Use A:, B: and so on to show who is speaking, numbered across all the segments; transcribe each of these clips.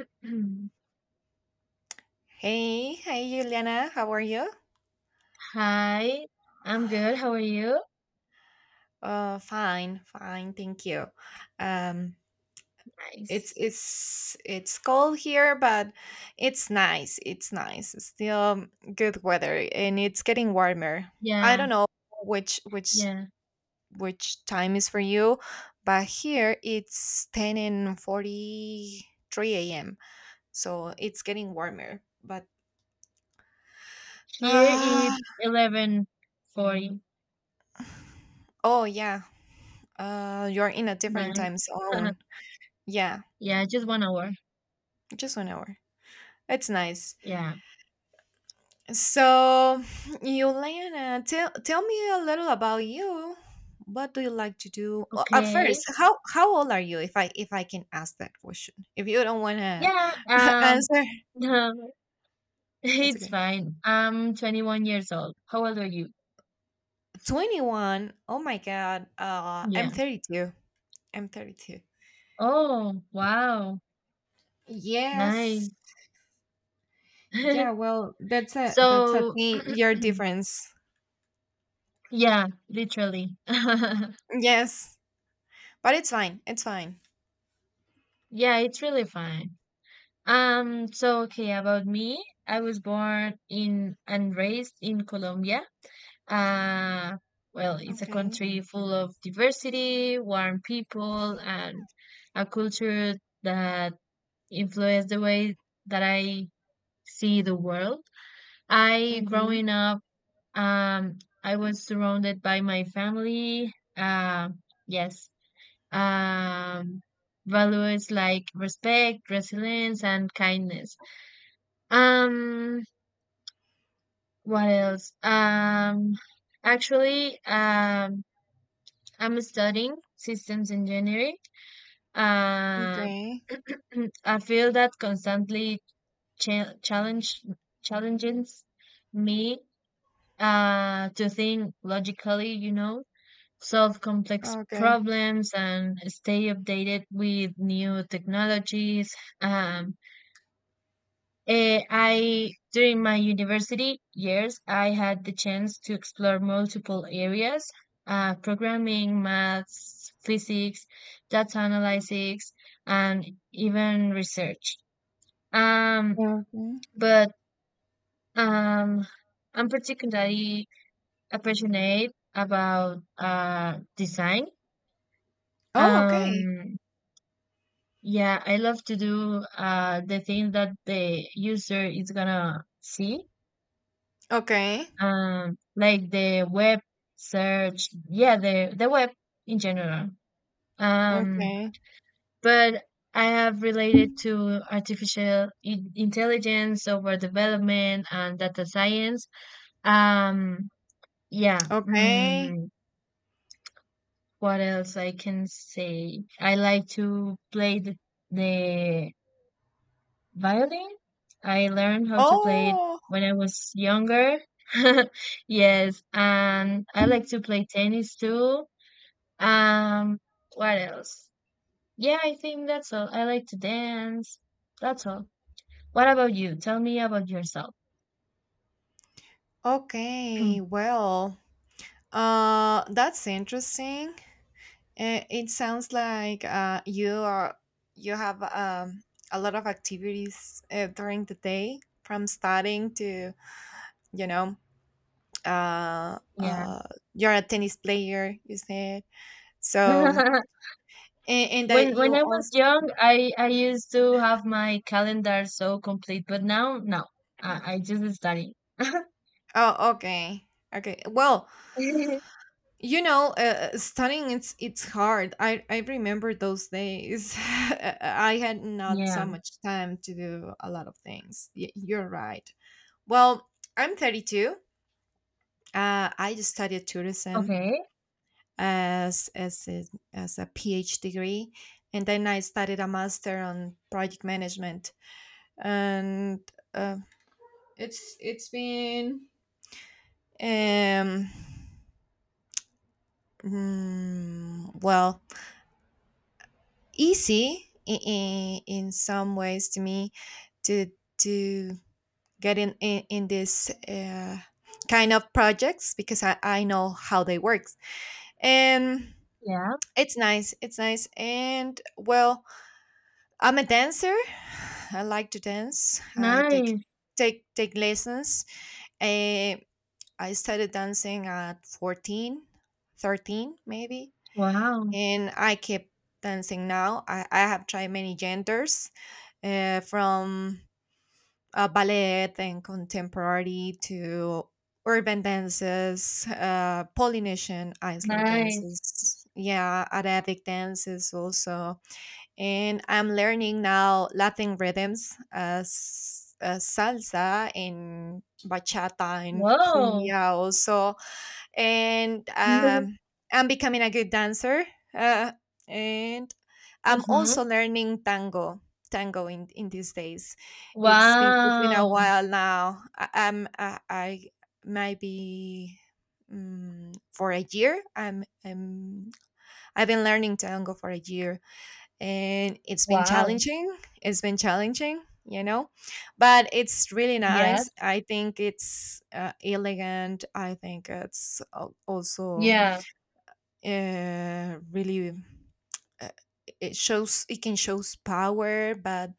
A: Hey, hey, Juliana, how are you?
B: Hi, I'm good. How are you?
A: Fine, fine, thank you. Um, it's
B: Nice.
A: it's it's cold here, but it's nice. It's nice. It's still good weather, and it's getting warmer. I
B: Yeah,
A: don't know which which
B: yeah.
A: which time is for you, but here it's 10:43 a.m. So it's getting warmer. But
B: Here
A: uh,
B: it's 11:49.
A: oh yeah, you're in a different time zone. Yeah,
B: Yeah, just 1 hour.
A: just 1 hour. It's nice.
B: Yeah.
A: So, Yolana, tell me a little about you. What do you like to do? Well,
B: Okay.
A: first, how old are you? If I can ask that question, if you don't want to
B: Yeah,
A: answer, it's
B: it's
A: okay.
B: fine. I'm 21 years old. How old are you?
A: 21. Oh my god. I'm
B: Yeah.
A: 32. I'm 32.
B: Oh, wow.
A: Yes.
B: Nice.
A: Yeah. Well, that's a
B: So,
A: teen year difference.
B: yeah, literally.
A: Yes, but it's fine. It's fine.
B: Yeah, it's really fine. So okay, about me, I was born in and raised in Colombia. Uh, well, it's a
A: Okay.
B: country full of diversity, warm people, and a culture that influenced the way that I see the world. I,
A: Mm-hmm.
B: growing up, I was surrounded by my family. Uh, yes. Um, values like respect, resilience, and kindness, um, what else? Actually, I'm studying systems engineering. Uh,
A: Okay.
B: a field that constantly cha- challenge challenges me to think logically, you know, solve complex
A: Okay.
B: problems and stay updated with new technologies. Um, Eh, I During my university years, I had the chance to explore multiple areas, programming, maths, physics, data analysis, and even research. Um,
A: Mhm.
B: but um, I'm particularly passionate about design.
A: Oh, okay.
B: Um, yeah, I love to do the thing that the user is gonna see,
A: Okay.
B: like the web search, yeah, the web in general. Um,
A: Okay.
B: but I have related to artificial intelligence, software development, and data science. Um, yeah.
A: Okay.
B: What else I can say? I like to play the violin. I learned how to play it
A: Oh,
B: when I was younger. Yes, and I like to play tennis too. Um, what else? Yeah, I think that's all. I like to dance. That's all. What about you? Tell me about yourself.
A: okay. Well, that's interesting. It sounds like you are you have a lot of activities during the day, from studying to you know, uh,
B: Yeah.
A: uh, you're a tennis player. You said so, and that
B: When
A: you
B: I was
A: also.
B: young, I used to have my calendar so complete, but now no. I just study.
A: Oh, okay. Okay. Well, you know studying it's hard. I remember those days. I had not
B: Yeah.
A: so much time to do a lot of things. You're right. Well, I'm 32. I just studied tourism
B: Okay.
A: as as a, as a phd degree, and then I studied a master on project management, and uh, it's been um well, easy in some ways to me to to get in this kind of projects because I know how they work, and
B: Yeah.
A: it's nice. It's nice. And well, I'm a dancer. I like to dance. I take
B: Nice.
A: take lessons. Eh, I started dancing at 14, 13 maybe,
B: Wow.
A: and I keep dancing now. I have tried many genders, from ballet and contemporary to urban dances, Polynesian Iceland
B: Nice.
A: dances, yeah, Arabic dances also. And I'm learning now Latin rhythms as salsa and bachata and
B: Whoa.
A: cumbia also, and I'm becoming a good dancer. Uh, and I'm
B: Mm-hmm.
A: also learning tango, tango in these days. It's been a
B: Wow.
A: while now. I might be for a year. I'm I've been learning tango for a year, and it's been
B: Wow.
A: challenging. It's been challenging, you know, but it's really
B: Yes.
A: nice. I think it's elegant. I think it's also
B: Yeah.
A: really uh, it shows. It can shows power, but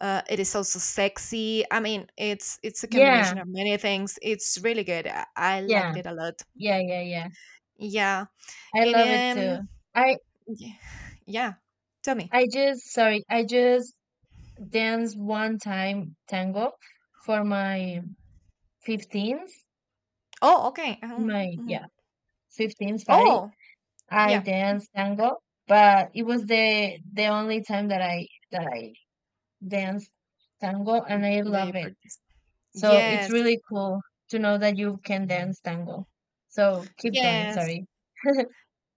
A: it is also sexy. I mean, it's a
B: Yeah.
A: combination of many things. It's really good. I
B: Yeah,
A: liked it a lot.
B: yeah, yeah, yeah.
A: Yeah.
B: I
A: And
B: love it too. I
A: y- yeah, tell me.
B: I just danced one time tango for my 15th
A: Oh, okay.
B: in my
A: Mhm.
B: yeah, 15th party.
A: Oh
B: I
A: yeah.
B: danced tango, but it was the only time that I danced tango and I
A: And you
B: love it.
A: practice.
B: So it's
A: Yes,
B: really cool to know that you can dance tango. So keep going,
A: yes.
B: sorry.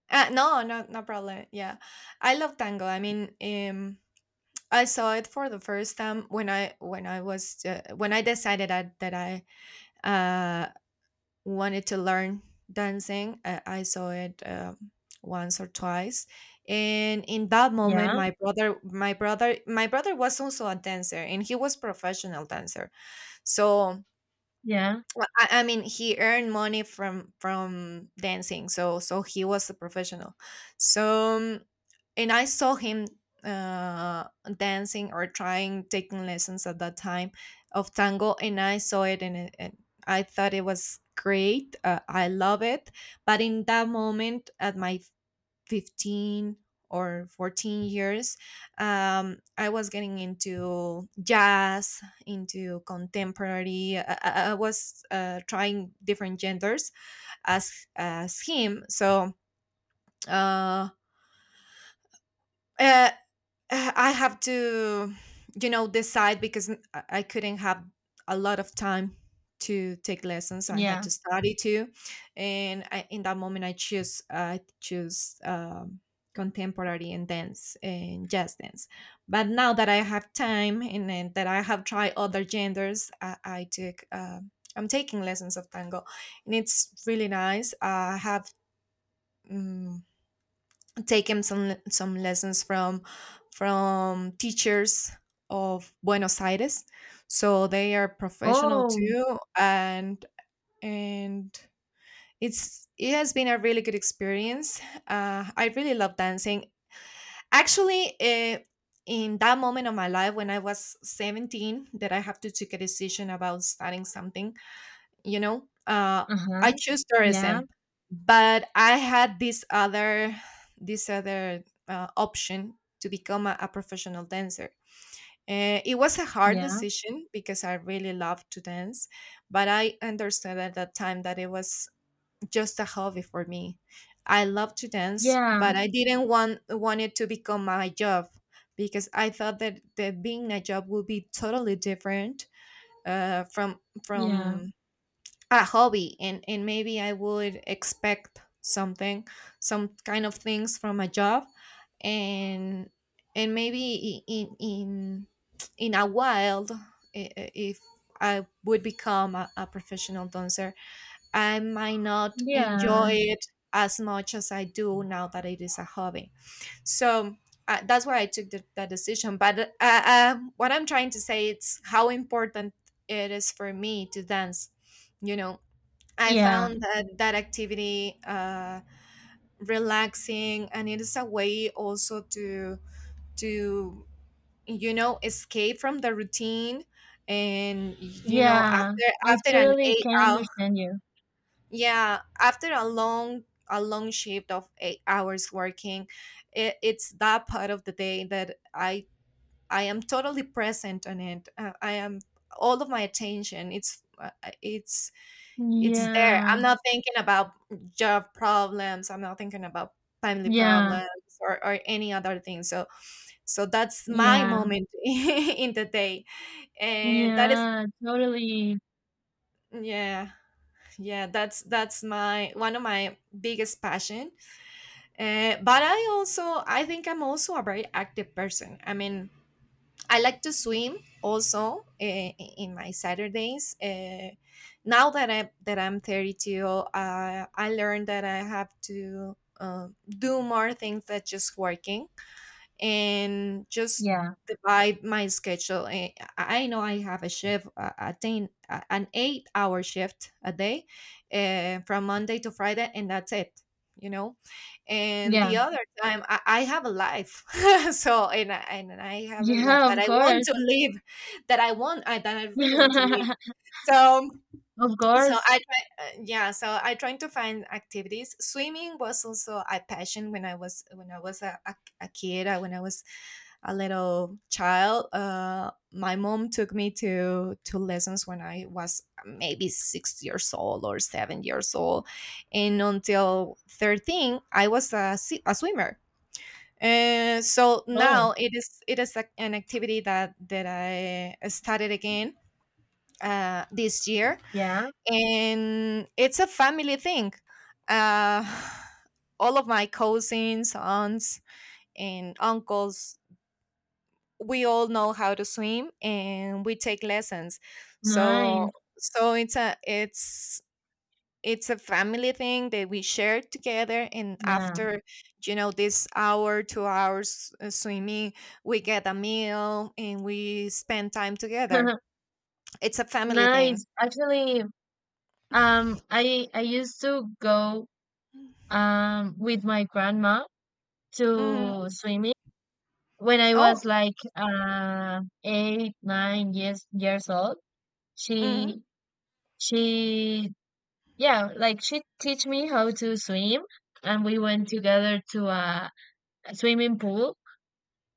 A: No, no, no problem. Yeah, I love tango. I mean, I saw it for the first time when I was when I decided that I uh wanted to learn dancing. I saw it once or twice, and in that moment,
B: Yeah,
A: my brother was also a dancer, and he was professional dancer. So,
B: yeah,
A: well, I mean, he earned money from dancing, so he was a professional. So and I saw him uh dancing or trying taking lessons at that time of tango, and I saw it and, and I thought it was great. I love it, but in that moment, at my 15 or 14 years, I was getting into jazz, into contemporary. I was trying different genders as him. So uh, uh, I have to, you know, decide because I couldn't have a lot of time to take lessons. I had
B: yeah.
A: to study too, and in that moment, I choose contemporary and dance and jazz dance. But now that I have time and, then that I have tried other genders, I took. I'm taking lessons of tango, and it's really nice. I have. mm, taken some lessons from teachers of Buenos Aires, so they are professional
B: Oh,
A: too, and and it's it has been a really good experience. I really love dancing. Actually, in that moment of my life when I was 17, that I have to take a decision about starting something, you know
B: uh-huh.
A: I choose
B: Yeah,
A: tourism, but I had this other this other option to become a professional dancer. It was a hard
B: yeah,
A: decision because I really love to dance, but I understood at that time that it was just a hobby for me. I love to dance,
B: yeah,
A: but I didn't want it to become my job because I thought that, that being a job would be totally different uh, from
B: yeah,
A: from a hobby, and maybe I would expect something, some kind of things from a job. and and maybe in a while, if I would become a professional dancer, I might not
B: yeah,
A: enjoy it as much as I do now that it is a hobby. So that's why I took that decision. But what I'm trying to say is how important it is for me to dance, you know. I
B: yeah,
A: found that that activity relaxing, and it is a way also to to you know escape from the routine, and you know
B: yeah. I
A: after an
B: totally
A: eight
B: can
A: hour
B: understand you.
A: yeah, after a long shift of 8 hours working, it, it's that part of the day that I am totally present on it. I am all of my attention. It's It's there.
B: Yeah,
A: I'm not thinking about job problems. I'm not thinking about family
B: yeah,
A: problems or any other thing. So that's my
B: yeah,
A: moment in the day. And that is
B: yeah, totally.
A: yeah, yeah, that's my one of my biggest passion. But I also I think I'm also a very active person. I mean I like to swim also in my Saturdays. Now that I'm 32, I learned that I have to do more things than just working and just
B: Yeah,
A: divide my schedule. I know I have a shift, an 8 hour shift a day from Monday to Friday, and that's it. You know, and
B: yeah,
A: the other time I have a life, so and I have a life
B: yeah,
A: that
B: of
A: I want
B: course.
A: to live, that that I really want to live. So
B: Of
A: so
B: course.
A: I try, yeah so I trying to find activities. Swimming was also a passion when I was a kid. When I was a little child, my mom took me to lessons when I was maybe 6 years old or 7 years old, and until 13 I was a swimmer. And so
B: Oh,
A: now it is an activity that I started again this year,
B: yeah,
A: and it's a family thing. Uh, all of my cousins, aunts, and uncles, we all know how to swim, and we take lessons. So,
B: nice.
A: it's a it's a family thing that we share together. And
B: Yeah.
A: after you know this hour, 2 hours swimming, we get a meal and we spend time together. It's a family thing.
B: Nice. Actually, I used to go with my grandma
A: Mhm.
B: to swimming. When I
A: Oh.
B: was like 8, nine years old,
A: Mm-hmm.
B: she she, yeah, like she teach me how to swim and we went together to a swimming pool.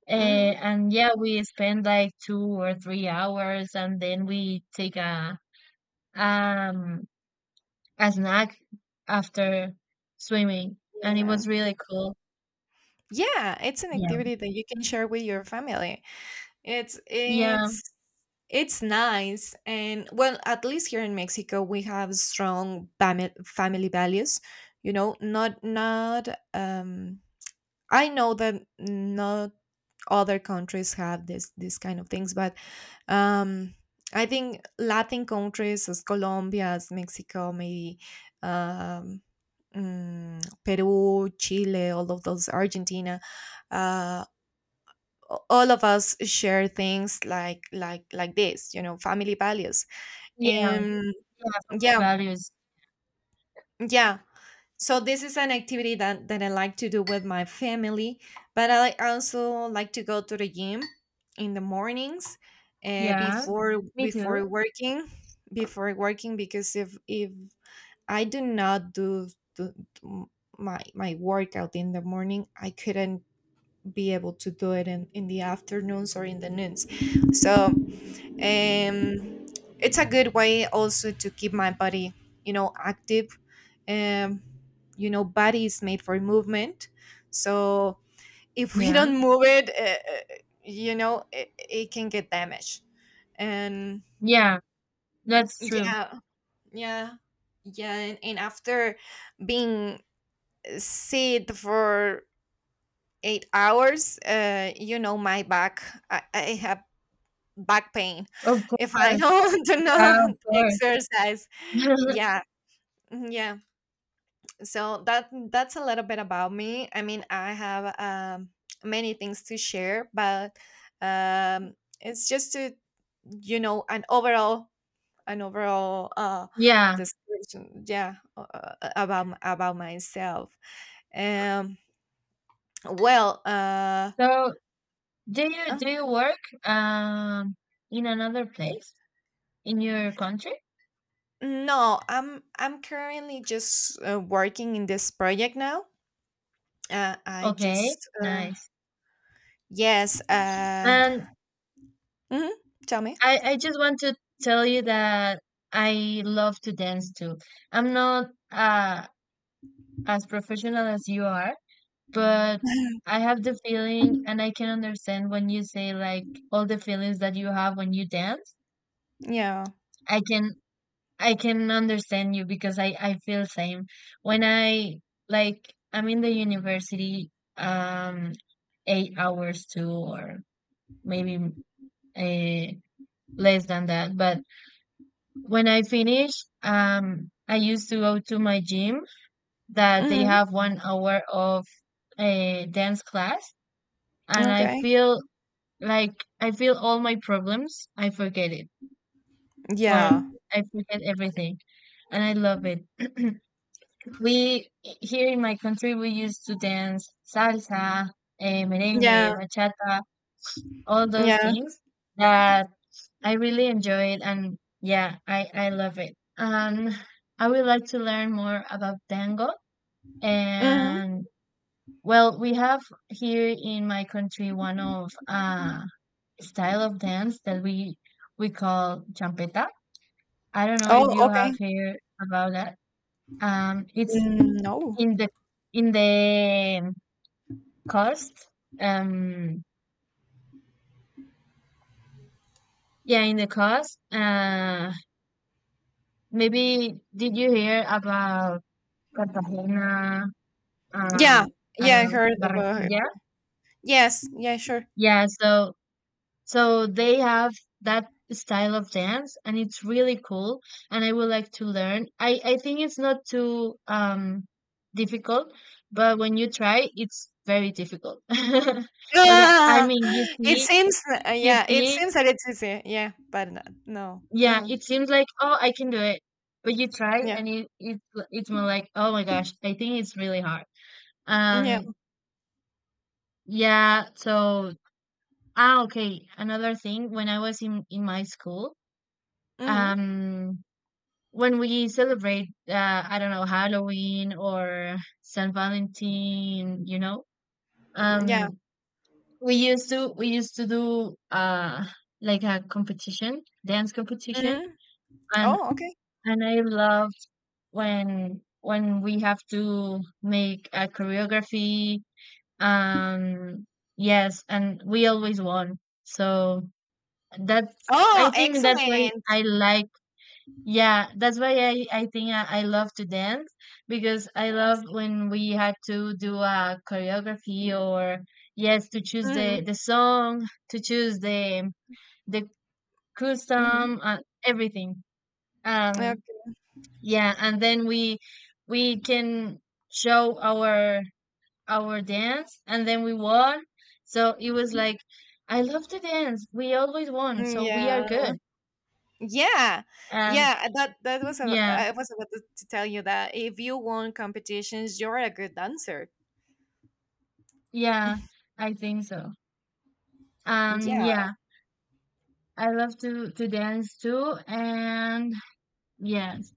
A: Mm-hmm.
B: And yeah, we spent like 2 or 3 hours and then we take a um snack after swimming and it
A: Yeah.
B: was really cool.
A: Yeah, it's an
B: Yeah.
A: activity that you can share with your family. It's
B: Yeah.
A: it's it's nice. And well, at least here in Mexico we have strong family values, you know, not not um I know that not other countries have this kind of things, but um I think Latin countries as Colombia, as Mexico, maybe um Peru, Chile, all of those, Argentina, uh, all of us share things like this, you know, family values.
B: Yeah.
A: And
B: Yeah. Family
A: yeah,
B: values.
A: yeah, so this is an activity that I like to do with my family. But I also like to go to the gym in the mornings,
B: Yeah. Me too.
A: before working, before working, because if I do not do, do my workout in the morning, I couldn't be able to do it in the afternoons or in the noons. So Um, it's a good way also to keep my body, you know, active. Um, you know, body is made for movement. So if we
B: Yeah.
A: don't move it, you know, it can get damaged. And
B: Yeah, that's true.
A: yeah, yeah, yeah. And after being sit for 8 hours, you know, my back, I have back pain
B: Of
A: if I
B: course.
A: don't do
B: Yeah,
A: not
B: of course.
A: exercise. Yeah, yeah. So that that's a little bit about me. I mean, I have many things to share, but um, it's just to an overall
B: Yeah.
A: description, yeah. About about myself. um well uh
B: So,
A: uh,
B: do you work um in another place in your country?
A: no, I'm currently just working in this project now. I
B: Okay,
A: just
B: nice.
A: Yes.
B: And
A: Hmm Tell me.
B: I just want to tell you that I love to dance too. I'm not as professional as you are, but I have the feeling and I can understand when you say like all the feelings that you have when you dance.
A: Yeah.
B: I can I can understand you because I feel same. When I like I'm in the university um 8 hours too, or maybe uh, less than that, but when I finish I used to go to my gym that they
A: hmm
B: have 1 hour of a dance class and I
A: Okay.
B: feel like I feel all my problems, I forget it. Well,
A: Yeah.
B: I forget everything and I love it. We here in my country we used to dance salsa, eh,
A: Yeah.
B: merengue, bachata, all those
A: Yeah.
B: things that I really enjoy it, and yeah, I love it. And I would like to learn more about tango.
A: hmm
B: And well, we have here in my country one of style of dance that we call champeta. I don't know if
A: Oh,
B: you have
A: okay.
B: heard about that. It's
A: Mm, no.
B: in the in the Cost? Um, yeah, in the cost. Maybe did you hear about Cartagena?
A: Yeah.
B: Um, I
A: Yeah,
B: don't
A: I
B: know,
A: heard about it.
B: Barranquilla.
A: Yes. Yeah, sure.
B: Yeah, so they have that style of dance, and it's really cool. And I would like to learn. I think it's not too difficult, but when you try, it's very difficult. Okay, I
A: Ah,
B: mean, you
A: it
B: see,
A: seems,
B: you
A: yeah, it
B: see
A: seems that it's easy. Yeah, but not, no.
B: yeah,
A: Uh-huh.
B: it seems like, "Oh, I can do it." But you try
A: Yeah.
B: and it's more like, "Oh my gosh, I think it's really hard."
A: Yeah.
B: Um, yeah, so ah, okay, another thing, when I was in my school,
A: hmm
B: um, when we celebrate, I don't know, Halloween or Saint Valentine, you know,
A: Yeah.
B: um, we used to do, like a competition, dance competition,
A: hmm
B: and
A: Oh, okay.
B: and I love when we have to make a choreography, um yes, and we always won. So that's, I
A: Oh,
B: think that's why
A: excellent.
B: I like. Yeah, that's why I love to dance, because I love when we had to do a choreography. Or yes, to choose the
A: hmm
B: the song, to choose the the
A: hmm
B: custom and everything.
A: Okay.
B: um yeah, and then we can show our dance and then we won. So it was like I love to dance. We always won,
A: Mm,
B: so we are
A: yeah.
B: good.
A: Yeah,
B: And
A: yeah. That was
B: yeah,
A: I was about to tell you that if you won competitions, you're a good dancer.
B: yeah, I think so.
A: Yeah.
B: Yeah, I love to dance too, and yes.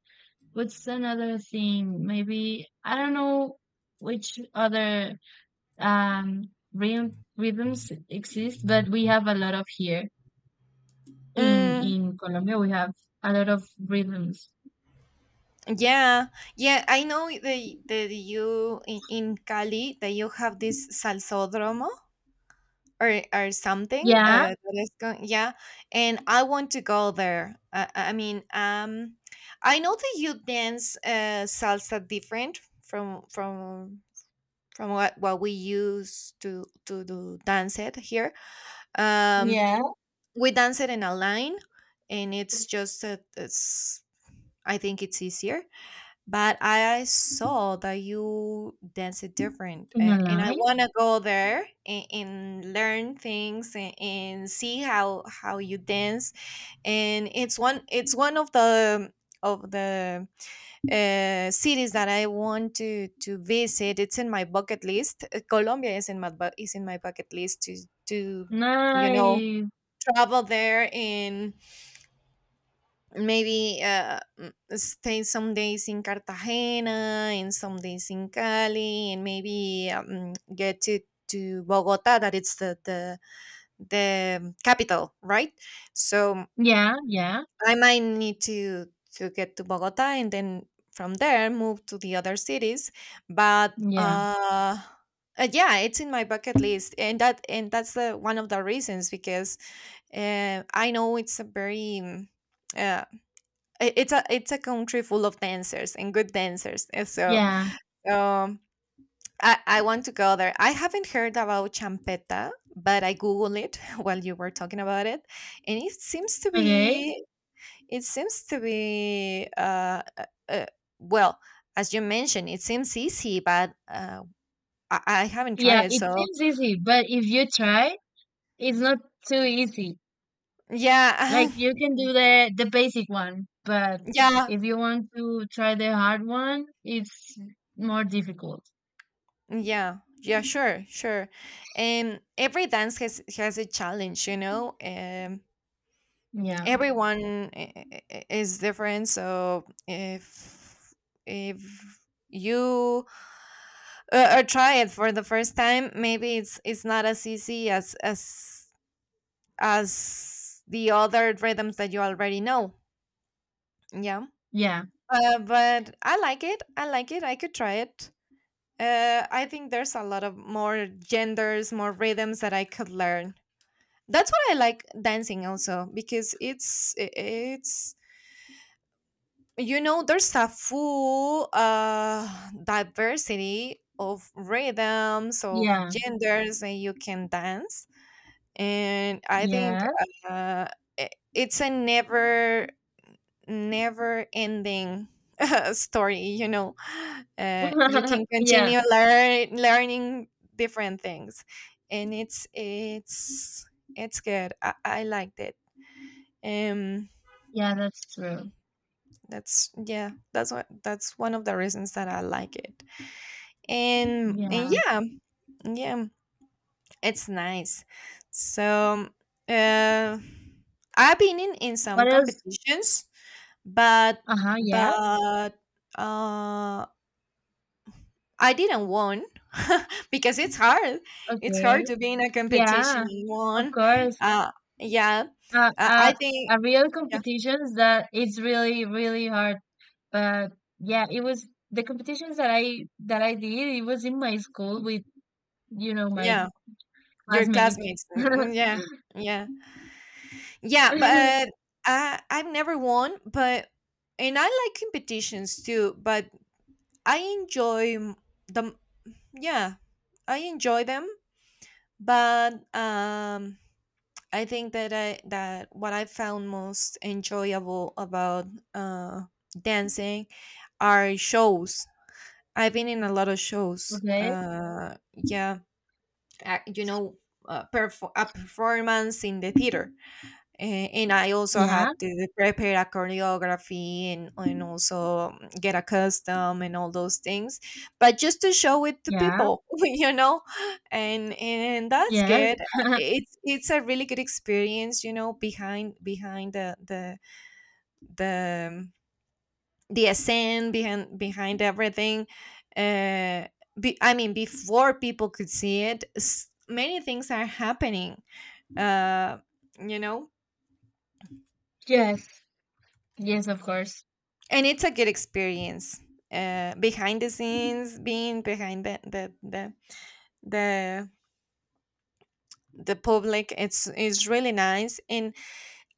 B: What's another thing? Maybe I don't know which other um rhythms exist, but we have a lot of here. In
A: Mm,
B: in Colombia, we have a lot of rhythms.
A: yeah, yeah. I know that you in Cali, that you have this salsódromo or something.
B: Yeah,
A: That is going, yeah, and I want to go there. I mean, I know that you dance salsa different from what we use to do dance it here. um
B: yeah,
A: we dance it in a line, and it's just that it's I think it's easier, but I saw that you dance it different,
B: in a
A: and I
B: line.
A: want to go there and learn things, and see how you dance. And it's one of the cities that I want to visit. It's in my bucket list. Colombia is in my is in my bucket list to you know
B: Nice.
A: travel there, and maybe stay some days in Cartagena and some days in Cali, and maybe get to Bogota, that it's the capital, right? So
B: Yeah, yeah,
A: I might need to get to Bogota and then from there move to the other cities. But
B: yeah,
A: Yeah, it's in my bucket list, and that's the, one of the reasons because I know it's a very uh, it's a country full of dancers and good dancers, and so
B: yeah.
A: um, I want to go there. I haven't heard about Champeta, but I googled it while you were talking about it, and it seems to
B: Okay.
A: be it seems to be, uh, uh, uh, well, as you mentioned, it seems easy, but I haven't tried
B: Yeah,
A: it.
B: it
A: So,
B: seems easy, but if you try, it's not too easy. Like
A: yeah,
B: you can do the basic one, but
A: yeah,
B: if you want to try the hard one, it's more difficult.
A: yeah, yeah, sure, sure. And every dance has a challenge, you know?
B: Yeah,
A: Everyone is different. So, if, you try it for the first time, maybe it's not as easy as as the other rhythms that you already know. Yeah.
B: yeah,
A: But I like it. I like it. I could try it. I think there's a lot of more genders, more rhythms that I could learn. That's what I like dancing also because it's there's a full diversity of rhythms of
B: yeah,
A: genders that you can dance, and I think
B: yes.
A: uh, i- it's a never ending story, you know. You can
B: Yeah,
A: continue learn, learning different things, and it's good. I liked it. Um
B: yeah, that's true.
A: that's Yeah, that's one of the reasons that I like it, and
B: Yeah.
A: yeah, yeah, it's nice. So uh I've been in some
B: What else?
A: competitions, but
B: Uh-huh, yes.
A: but uh I didn't won because it's hard. It's hard
B: Okay.
A: to be in a competition
B: Yeah,
A: and
B: of
A: won.
B: course.
A: Uh, yeah,
B: Uh, uh,
A: I think
B: a real
A: yeah,
B: competitions that it's really, really hard. But yeah, it was the competitions that I did, it was in my school with, you know, my
A: yeah, your
B: classmates.
A: classmates. Mm, mm, yeah, yeah, yeah. But I I've never won, but and I like competitions too. But I enjoy them. Yeah, I enjoy them. But I think that I that what I found most enjoyable about uh dancing are shows. I've been in a lot of shows.
B: Okay.
A: Yeah, I, you know, a performance in the theater, and I also
B: Yeah,
A: had to prepare a choreography, and also get a custom and all those things, but just to show it to
B: yeah,
A: people, you know, and that's
B: yes.
A: good. It's a really good experience, you know, behind behind the the essence behind behind everything. Uh, I mean, before people could see it, many things are happening. Uh, you know,
B: Yes. Yes, of course.
A: and it's a good experience. Behind the scenes, being behind the, the public, it's really nice. And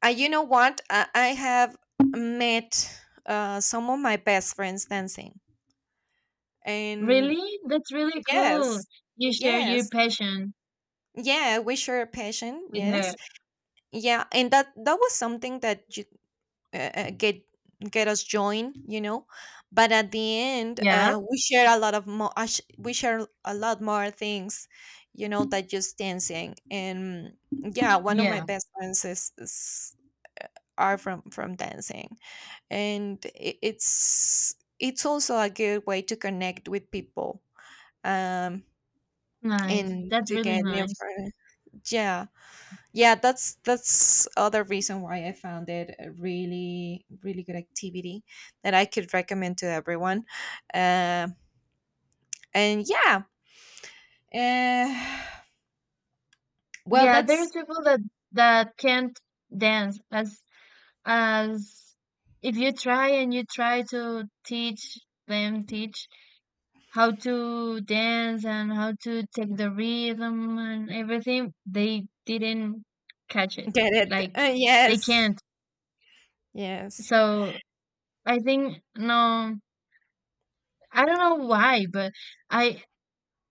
A: you know what? I have met some of my best friends dancing, and
B: Really? That's really cool.
A: yes,
B: You share your
A: yes.
B: passion
A: Yeah, we share a passion.
B: with her.
A: Yes, yeah, and that was something that uh, uh, get get us joined, you know. But at the end,
B: Yeah,
A: we share a lot of more. We share a lot more things, you know, that just dancing. And mm, yeah, one of my
B: yeah.
A: best friends is are from dancing, and I it's also a good way to connect with people. Um,
B: Nice.
A: and
B: That's
A: to
B: really
A: get new
B: nice.
A: friends. Yeah, yeah, that's other reason why I found it a really really good activity that I could recommend to everyone. uh, and yeah, uh, well,
B: Yeah, there's
A: that's
B: people that can't dance as as if you try and you try to teach them teach how to dance and how to take the rhythm and everything, they didn't catch it.
A: get it,
B: Like they
A: yes,
B: can't.
A: yes.
B: So I think no, I don't know why, but I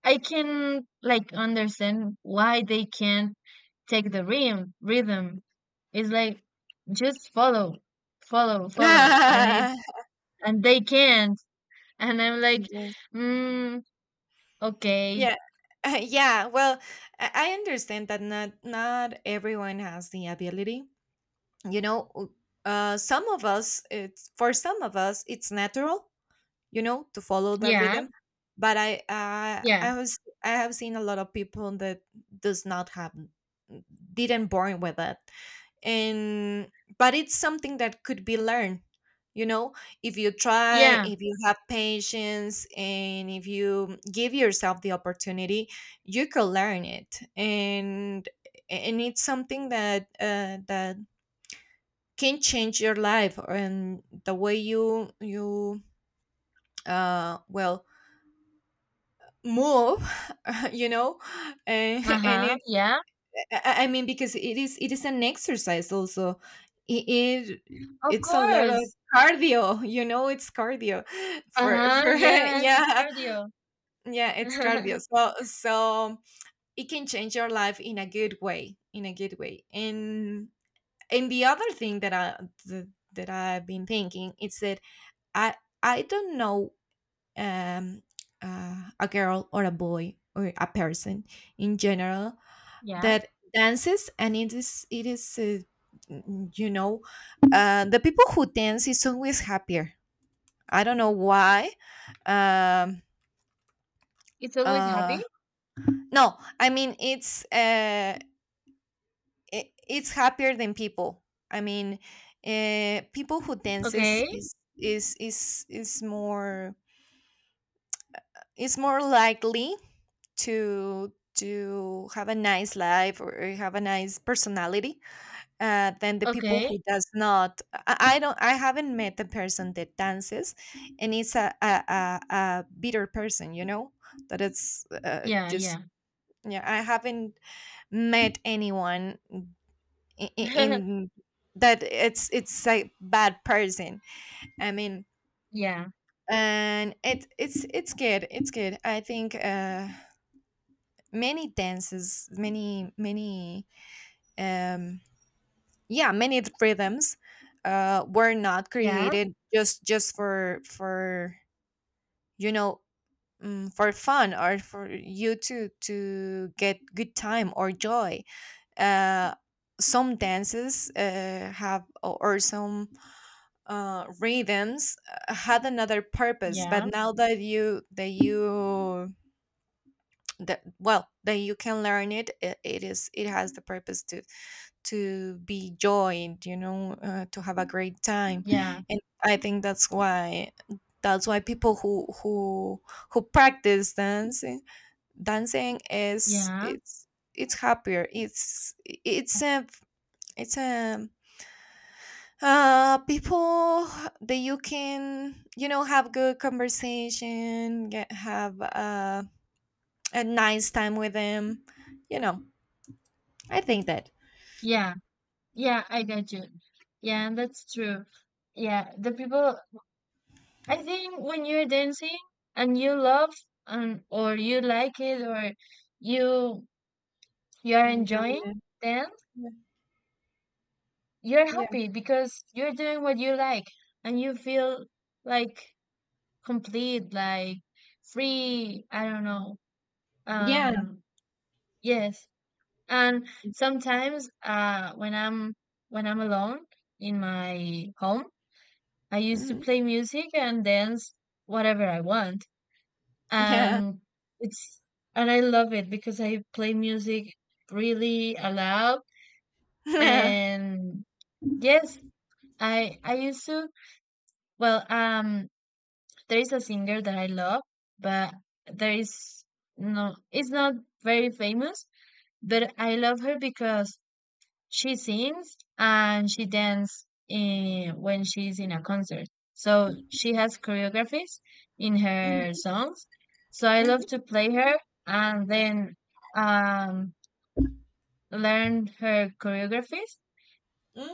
B: I can like understand why they can't take the rhythm. It's like just follow, follow, follow. and it
A: Yes.
B: and they can't, and I'm like, mm, okay.
A: Yeah. Yeah, well, I understand that not not everyone has the ability, you know. Some of us, it's for some of us it's natural, you know, to follow that
B: Yeah,
A: rhythm. But
B: yeah,
A: I was I have seen a lot of people that does not have didn't born with it, and but it's something that could be learned. You know, if you try,
B: yeah,
A: if you have patience, and if you give yourself the opportunity, you can learn it, and it's something that that can change your life and the way you you uh well move you know, and
B: uh-huh,
A: it's
B: yeah,
A: I mean because it is an exercise also. It
B: of
A: it's a lot of
B: course.
A: cardio, you know, it's cardio
B: Uh-huh,
A: for
B: yes, it's
A: yeah,
B: cardio.
A: yeah, it's cardio, so so it can change your life in a good way, in a good way. And the other thing that th- that I've been thinking is that i I don't know, um, a girl or a boy or a person in general
B: Yeah,
A: that dances, and it is you know, the people who dance is always happier. I don't know why. um
B: it's always happy.
A: uh no, I mean, it's it, it's happier than people. I mean, people who dances
B: Okay,
A: is more likely to have a nice life or have a nice personality, than the people who
B: okay,
A: does not. I, I don't, I haven't met a person that dances and it's a a bitter person, you know, that it's
B: yeah,
A: just
B: yeah.
A: yeah, I haven't met anyone in that it's a bad person, I mean.
B: Yeah,
A: And it it's good, it's good. I think many dances, many many um yeah, many rhythms were not
B: yeah,
A: created just for you know mm, for fun or for you to get good time or joy. uh some dances have or some rhythms had another purpose,
B: yeah,
A: but now that you that, well, that you can learn it, it it is it has the purpose to be joined, you know, to have a great time.
B: yeah,
A: And I think that's why people who practice dancing dancing is
B: yeah,
A: it's happier. It's it's a people that you can you know have good conversation, get have a nice time with them, you know, I think that.
B: yeah. Yeah, I get you. Yeah, that's true. Yeah, the people, I think when you're dancing and you love, and or you like it, or you you're
A: Enjoy
B: enjoying
A: it.
B: dance,
A: Yeah,
B: you're
A: yeah,
B: happy because you're doing what you like, and you feel like complete, like free, I don't know.
A: yeah.
B: Um, yes. And sometimes when I'm alone in my home I used to
A: Mhm.
B: play music and dance whatever I want.
A: Yeah.
B: And it's, and I love it because I play music really aloud. And yes, I used to, well, there is a singer that I love, but there is no, it's not very famous, but I love her because she sings and she dances when she's in a concert. So she has choreographies in her songs. So I love
A: Mm,
B: to play her and then um, learn her choreographies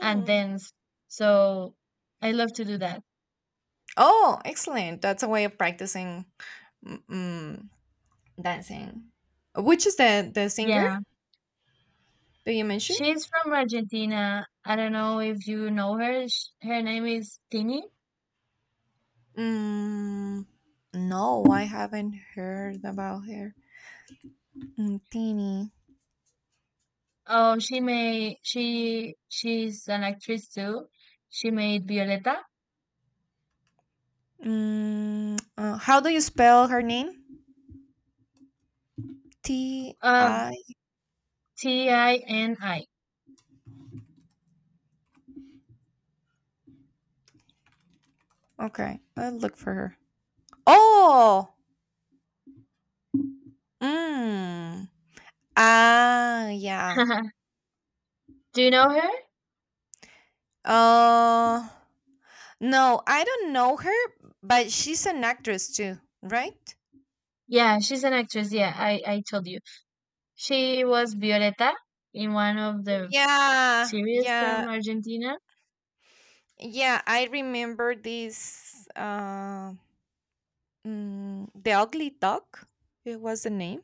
B: and dance. So I love to do that.
A: Oh, excellent. That's a way of practicing mm, mm, dancing. Which is the singer
B: Yeah.
A: that you mentioned?
B: She's from Argentina. I don't know if you know her. Her name is Tini.
A: Mm, no, I haven't heard about her. Mm, Tini.
B: Oh, she's an actress too. She made Violeta.
A: Mm, how do you spell her name? T
B: Uh,
A: I.
B: Tini.
A: Okay, I'll look for her. Oh. Mm. Ah, yeah.
B: Do you know her?
A: Uh No, I don't know her, but she's an actress too, right?
B: Yeah, she's an actress. Yeah, I told you. She was Violeta in one of the
A: Yeah,
B: series from
A: yeah,
B: Argentina.
A: yeah. I remember this. The Ugly Duck. It was the name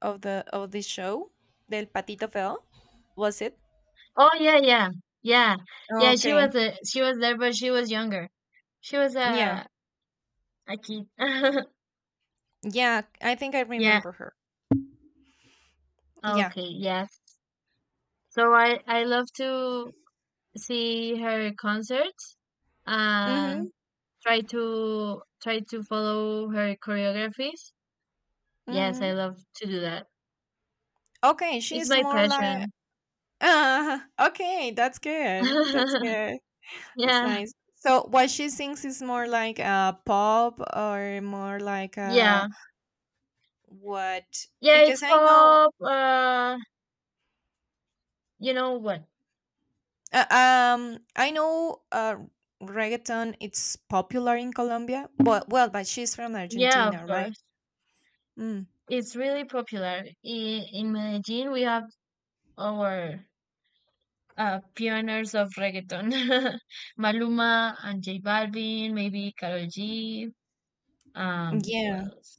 A: of the show. Del Patito Feo. Was it?
B: Oh yeah, yeah, yeah, yeah. She
A: Okay.
B: was a, she was there, but she was younger. She was
A: Yeah,
B: a kid.
A: yeah. I think I
B: Yeah.
A: remember her. Yeah.
B: Okay. Yes. So I love to see her concerts
A: Mm-hmm.
B: and try to follow her choreographies. Yes,
A: Mm-hmm.
B: I love to do that.
A: Okay,
B: It's
A: she's
B: my
A: more like.
B: passion.
A: Okay, that's good. That's good. That's
B: Yeah,
A: nice. So what she sings is more like a pop or more like
B: yeah.
A: a what?
B: Yeah, it's
A: Because
B: pop. You know what?
A: I know, reggaeton. It's popular in Colombia, but well, but she's from
B: Yeah, of
A: Argentina, right?
B: course.
A: Mm.
B: It's really popular. In Medellin, we have our pioneers of reggaeton. Maluma and J Balvin, maybe Karol G. Who
A: Yeah.
B: else?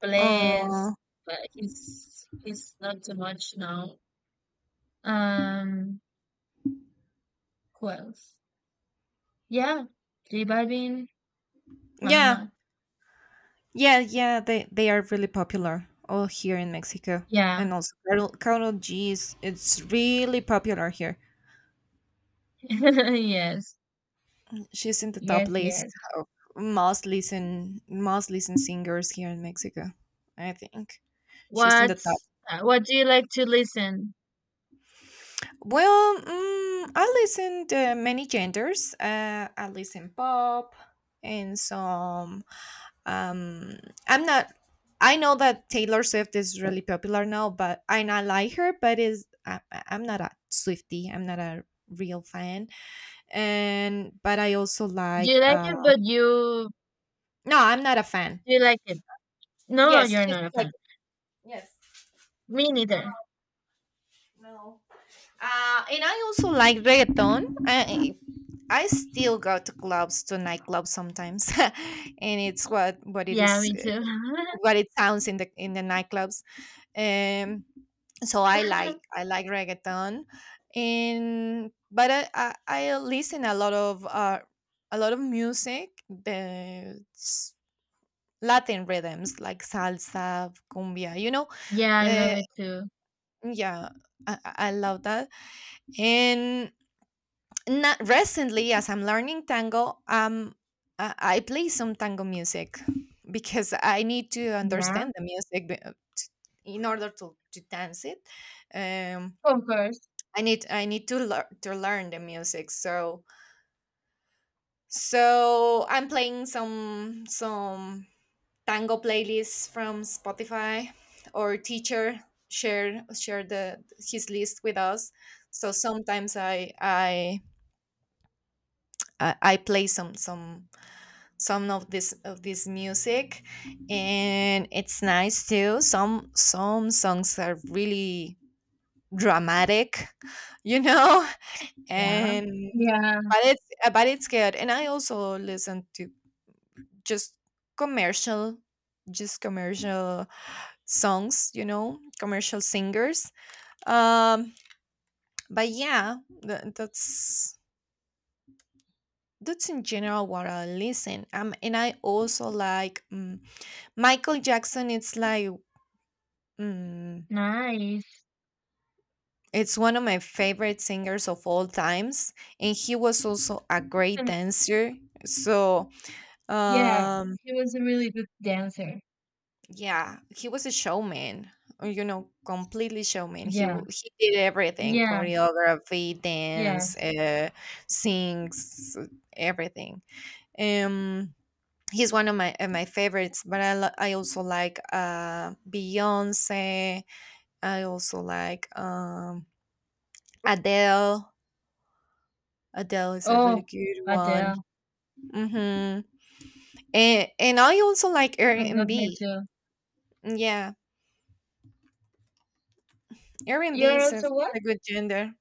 B: Bless,
A: Oh.
B: but he's not too much now. Um, who else? Yeah, J Balvin,
A: Yeah.
B: Maluma.
A: Yeah. Yeah. They are really popular all here in Mexico,
B: Yeah.
A: and also Carol G is it's really popular here.
B: Yes.
A: She's in the top
B: Yes,
A: list
B: yes.
A: of most listened singers here in Mexico. I think she's in the top.
B: What do you like to listen?
A: Well, mm, I listen to many genders. I listen pop and some. Um, I'm not. I know that Taylor Swift is really popular now, but and I like her, but is I- I'm not a Swiftie. I'm not a real fan, and but I also
B: Do
A: like.
B: you like it, but you
A: No, I'm not a fan.
B: do you like it? No,
A: Yes,
B: you're
A: she's
B: not a
A: like.
B: fan.
A: Yes.
B: Me
A: Uh,
B: neither.
A: no. And I also like reggaeton. I still go to clubs to nightclubs sometimes, and it's what it
B: Yeah,
A: is,
B: me too.
A: what it sounds in the nightclubs. Um, so I like reggaeton, and I listen a lot of Latin rhythms like salsa, cumbia. You know,
B: Yeah, I love
A: the
B: it too.
A: yeah, I I love that. And not recently, as I'm learning tango. I play some tango music because I need to
B: Yeah,
A: understand in order to dance it. Um,
B: of course.
A: I need to learn the music. So so I'm playing some tango playlists from Spotify. Our teacher share share the his list with us. So sometimes I play some of this music, and it's nice too. Some songs are really dramatic, you know.
B: Yeah.
A: and
B: Yeah.
A: but it's but it's good, and I also listen to just commercial just commercial songs, you know, commercial singers. um but yeah, tha- that's that's in general what I listen. And I also like Michael Jackson. It's like. Mm,
B: Nice.
A: it's one of my favorite singers of all times, and he was also a great
B: And,
A: dancer. So,
B: yeah,
A: um,
B: he was a really good dancer.
A: yeah, he was a showman, you know, completely showman.
B: Yeah.
A: He did everything:
B: Yeah.
A: choreography, dance,
B: Yes.
A: sings, everything. Um, he's one of my my favorites. But I also like Beyonce. I also like Adele. Adele is a
B: Oh,
A: really good one.
B: Adele.
A: Mm-hmm. And I also like
B: I love her
A: R&B.
B: too.
A: Yeah, R&B
B: You're
A: is a,
B: also what?
A: a good gender.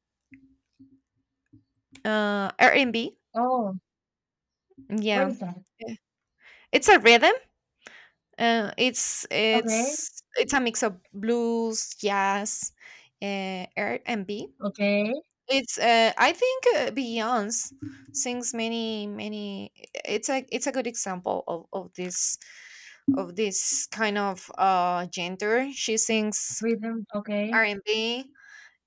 A: R&B.
B: Oh, what
A: Yeah.
B: is that?
A: Eh, it's a rhythm.
B: Okay,
A: It's a mix of blues, jazz, R&B.
B: okay.
A: It's I think Beyonce sings many many. It's a good example of this kind of gender. She sings
B: Rhythm, okay.
A: R&B, and B,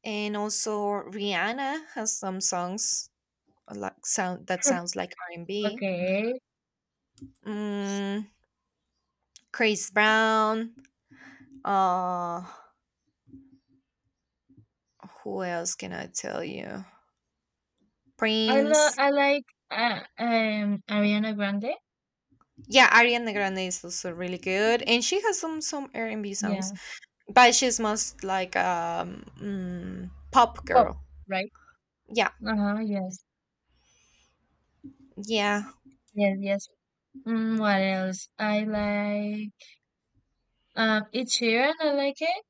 A: and also Rihanna has some songs a lot sound that sounds like R&B.
B: Okay.
A: Mm, Chris Brown. Uh, who else can I tell you? Prince.
B: I like Ariana Grande.
A: Yeah, Ariana Grande is also really good, and she has some R&B songs,
B: Yeah.
A: but she's most like um mm, pop
B: Pop,
A: girl.
B: right?
A: Yeah,
B: Uh-huh, yes.
A: yeah.
B: Yes, yes. What else? I like Ed Sheeran, I like it.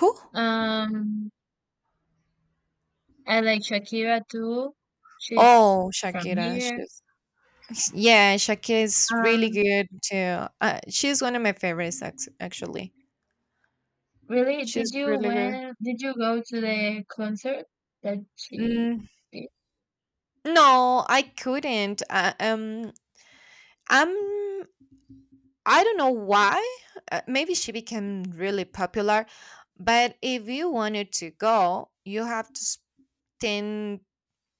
A: Who?
B: Um I like Shakira too. She's
A: Oh,
B: from
A: Shakira.
B: here.
A: She's. Yeah, Shakira is really
B: Um
A: good too. She's one of my favorites, actually.
B: really, did
A: She's
B: you
A: really good.
B: when did you go to the concert that she
A: Mm,
B: did?
A: no, I couldn't. I'm. I don't know why. Maybe she became really popular, but if you wanted to go, you have to spend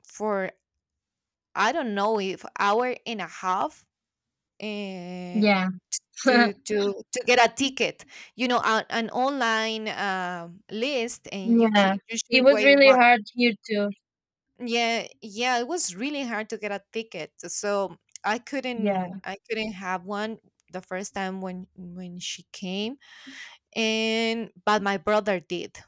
A: for I don't know if hour and a half, uh,
B: Yeah.
A: to to to get a ticket, you know, a, an online list, and you
B: Yeah.
A: can you
B: It
A: should
B: was
A: wait
B: really
A: one.
B: hard here too.
A: Yeah, yeah, it was really hard to get a ticket, so
B: Yeah.
A: I couldn't have one the first time when she came, and but my brother did,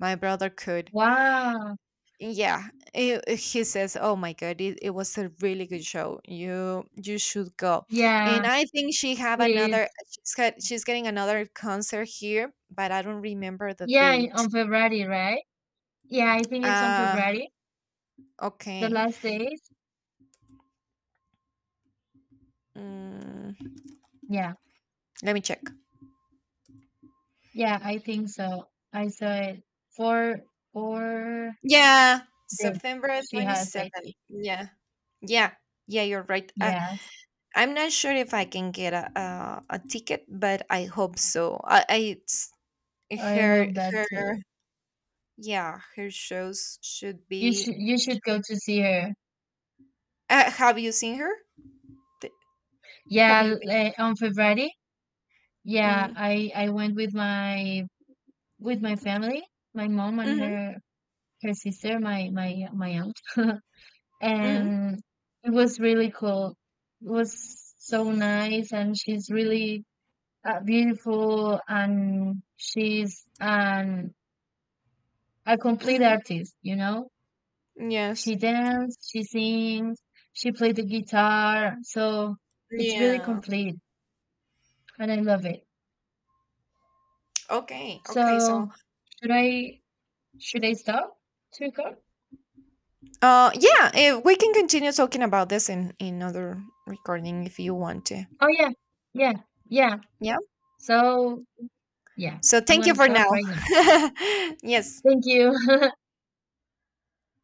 A: my brother could.
B: Wow.
A: Yeah, he says, "Oh my God, it was a really good show. You should go." And
B: Yeah,
A: I think she have
B: it is.
A: another. She's got, she's getting another concert here, but I don't remember the
B: Yeah,
A: date.
B: on February, right? Yeah, I think it's on
A: Uh,
B: February, the
A: okay.
B: last days.
A: Mm,
B: Yeah.
A: let me check.
B: Yeah, I think so. I saw it. Four four
A: Yeah,
B: days
A: September
B: she
A: twenty
B: has, I think.
A: seventh. Yeah, yeah, yeah. You're right.
B: Yes.
A: I'm not sure if I can get a a ticket, but I hope so. I it's
B: I
A: her
B: hope that
A: her
B: too.
A: Yeah, her shows should
B: You should
A: be.
B: you should go to see her.
A: Have you seen her? Th- Have
B: Yeah,
A: you been?
B: on February. Yeah,
A: Mm.
B: I went with my family, my mom and
A: Hmm.
B: her sister, my aunt,
A: Hmm.
B: and it was really cool. It was so nice, and she's really beautiful, and she's an a complete
A: Hmm.
B: artist. You know,
A: Yes.
B: she dances, she sings, she played the guitar, so it's really
A: Yeah.
B: complete, and I love it.
A: Okay. Okay. So,
B: So should I should I stop to record?
A: yeah, we can continue talking about this in other recording if you want to.
B: Oh yeah, yeah, yeah.
A: Yeah.
B: So yeah,
A: So,
B: I'm
A: thank you
B: gonna
A: for
B: stop
A: now.
B: right now.
A: Yes.
B: Thank you.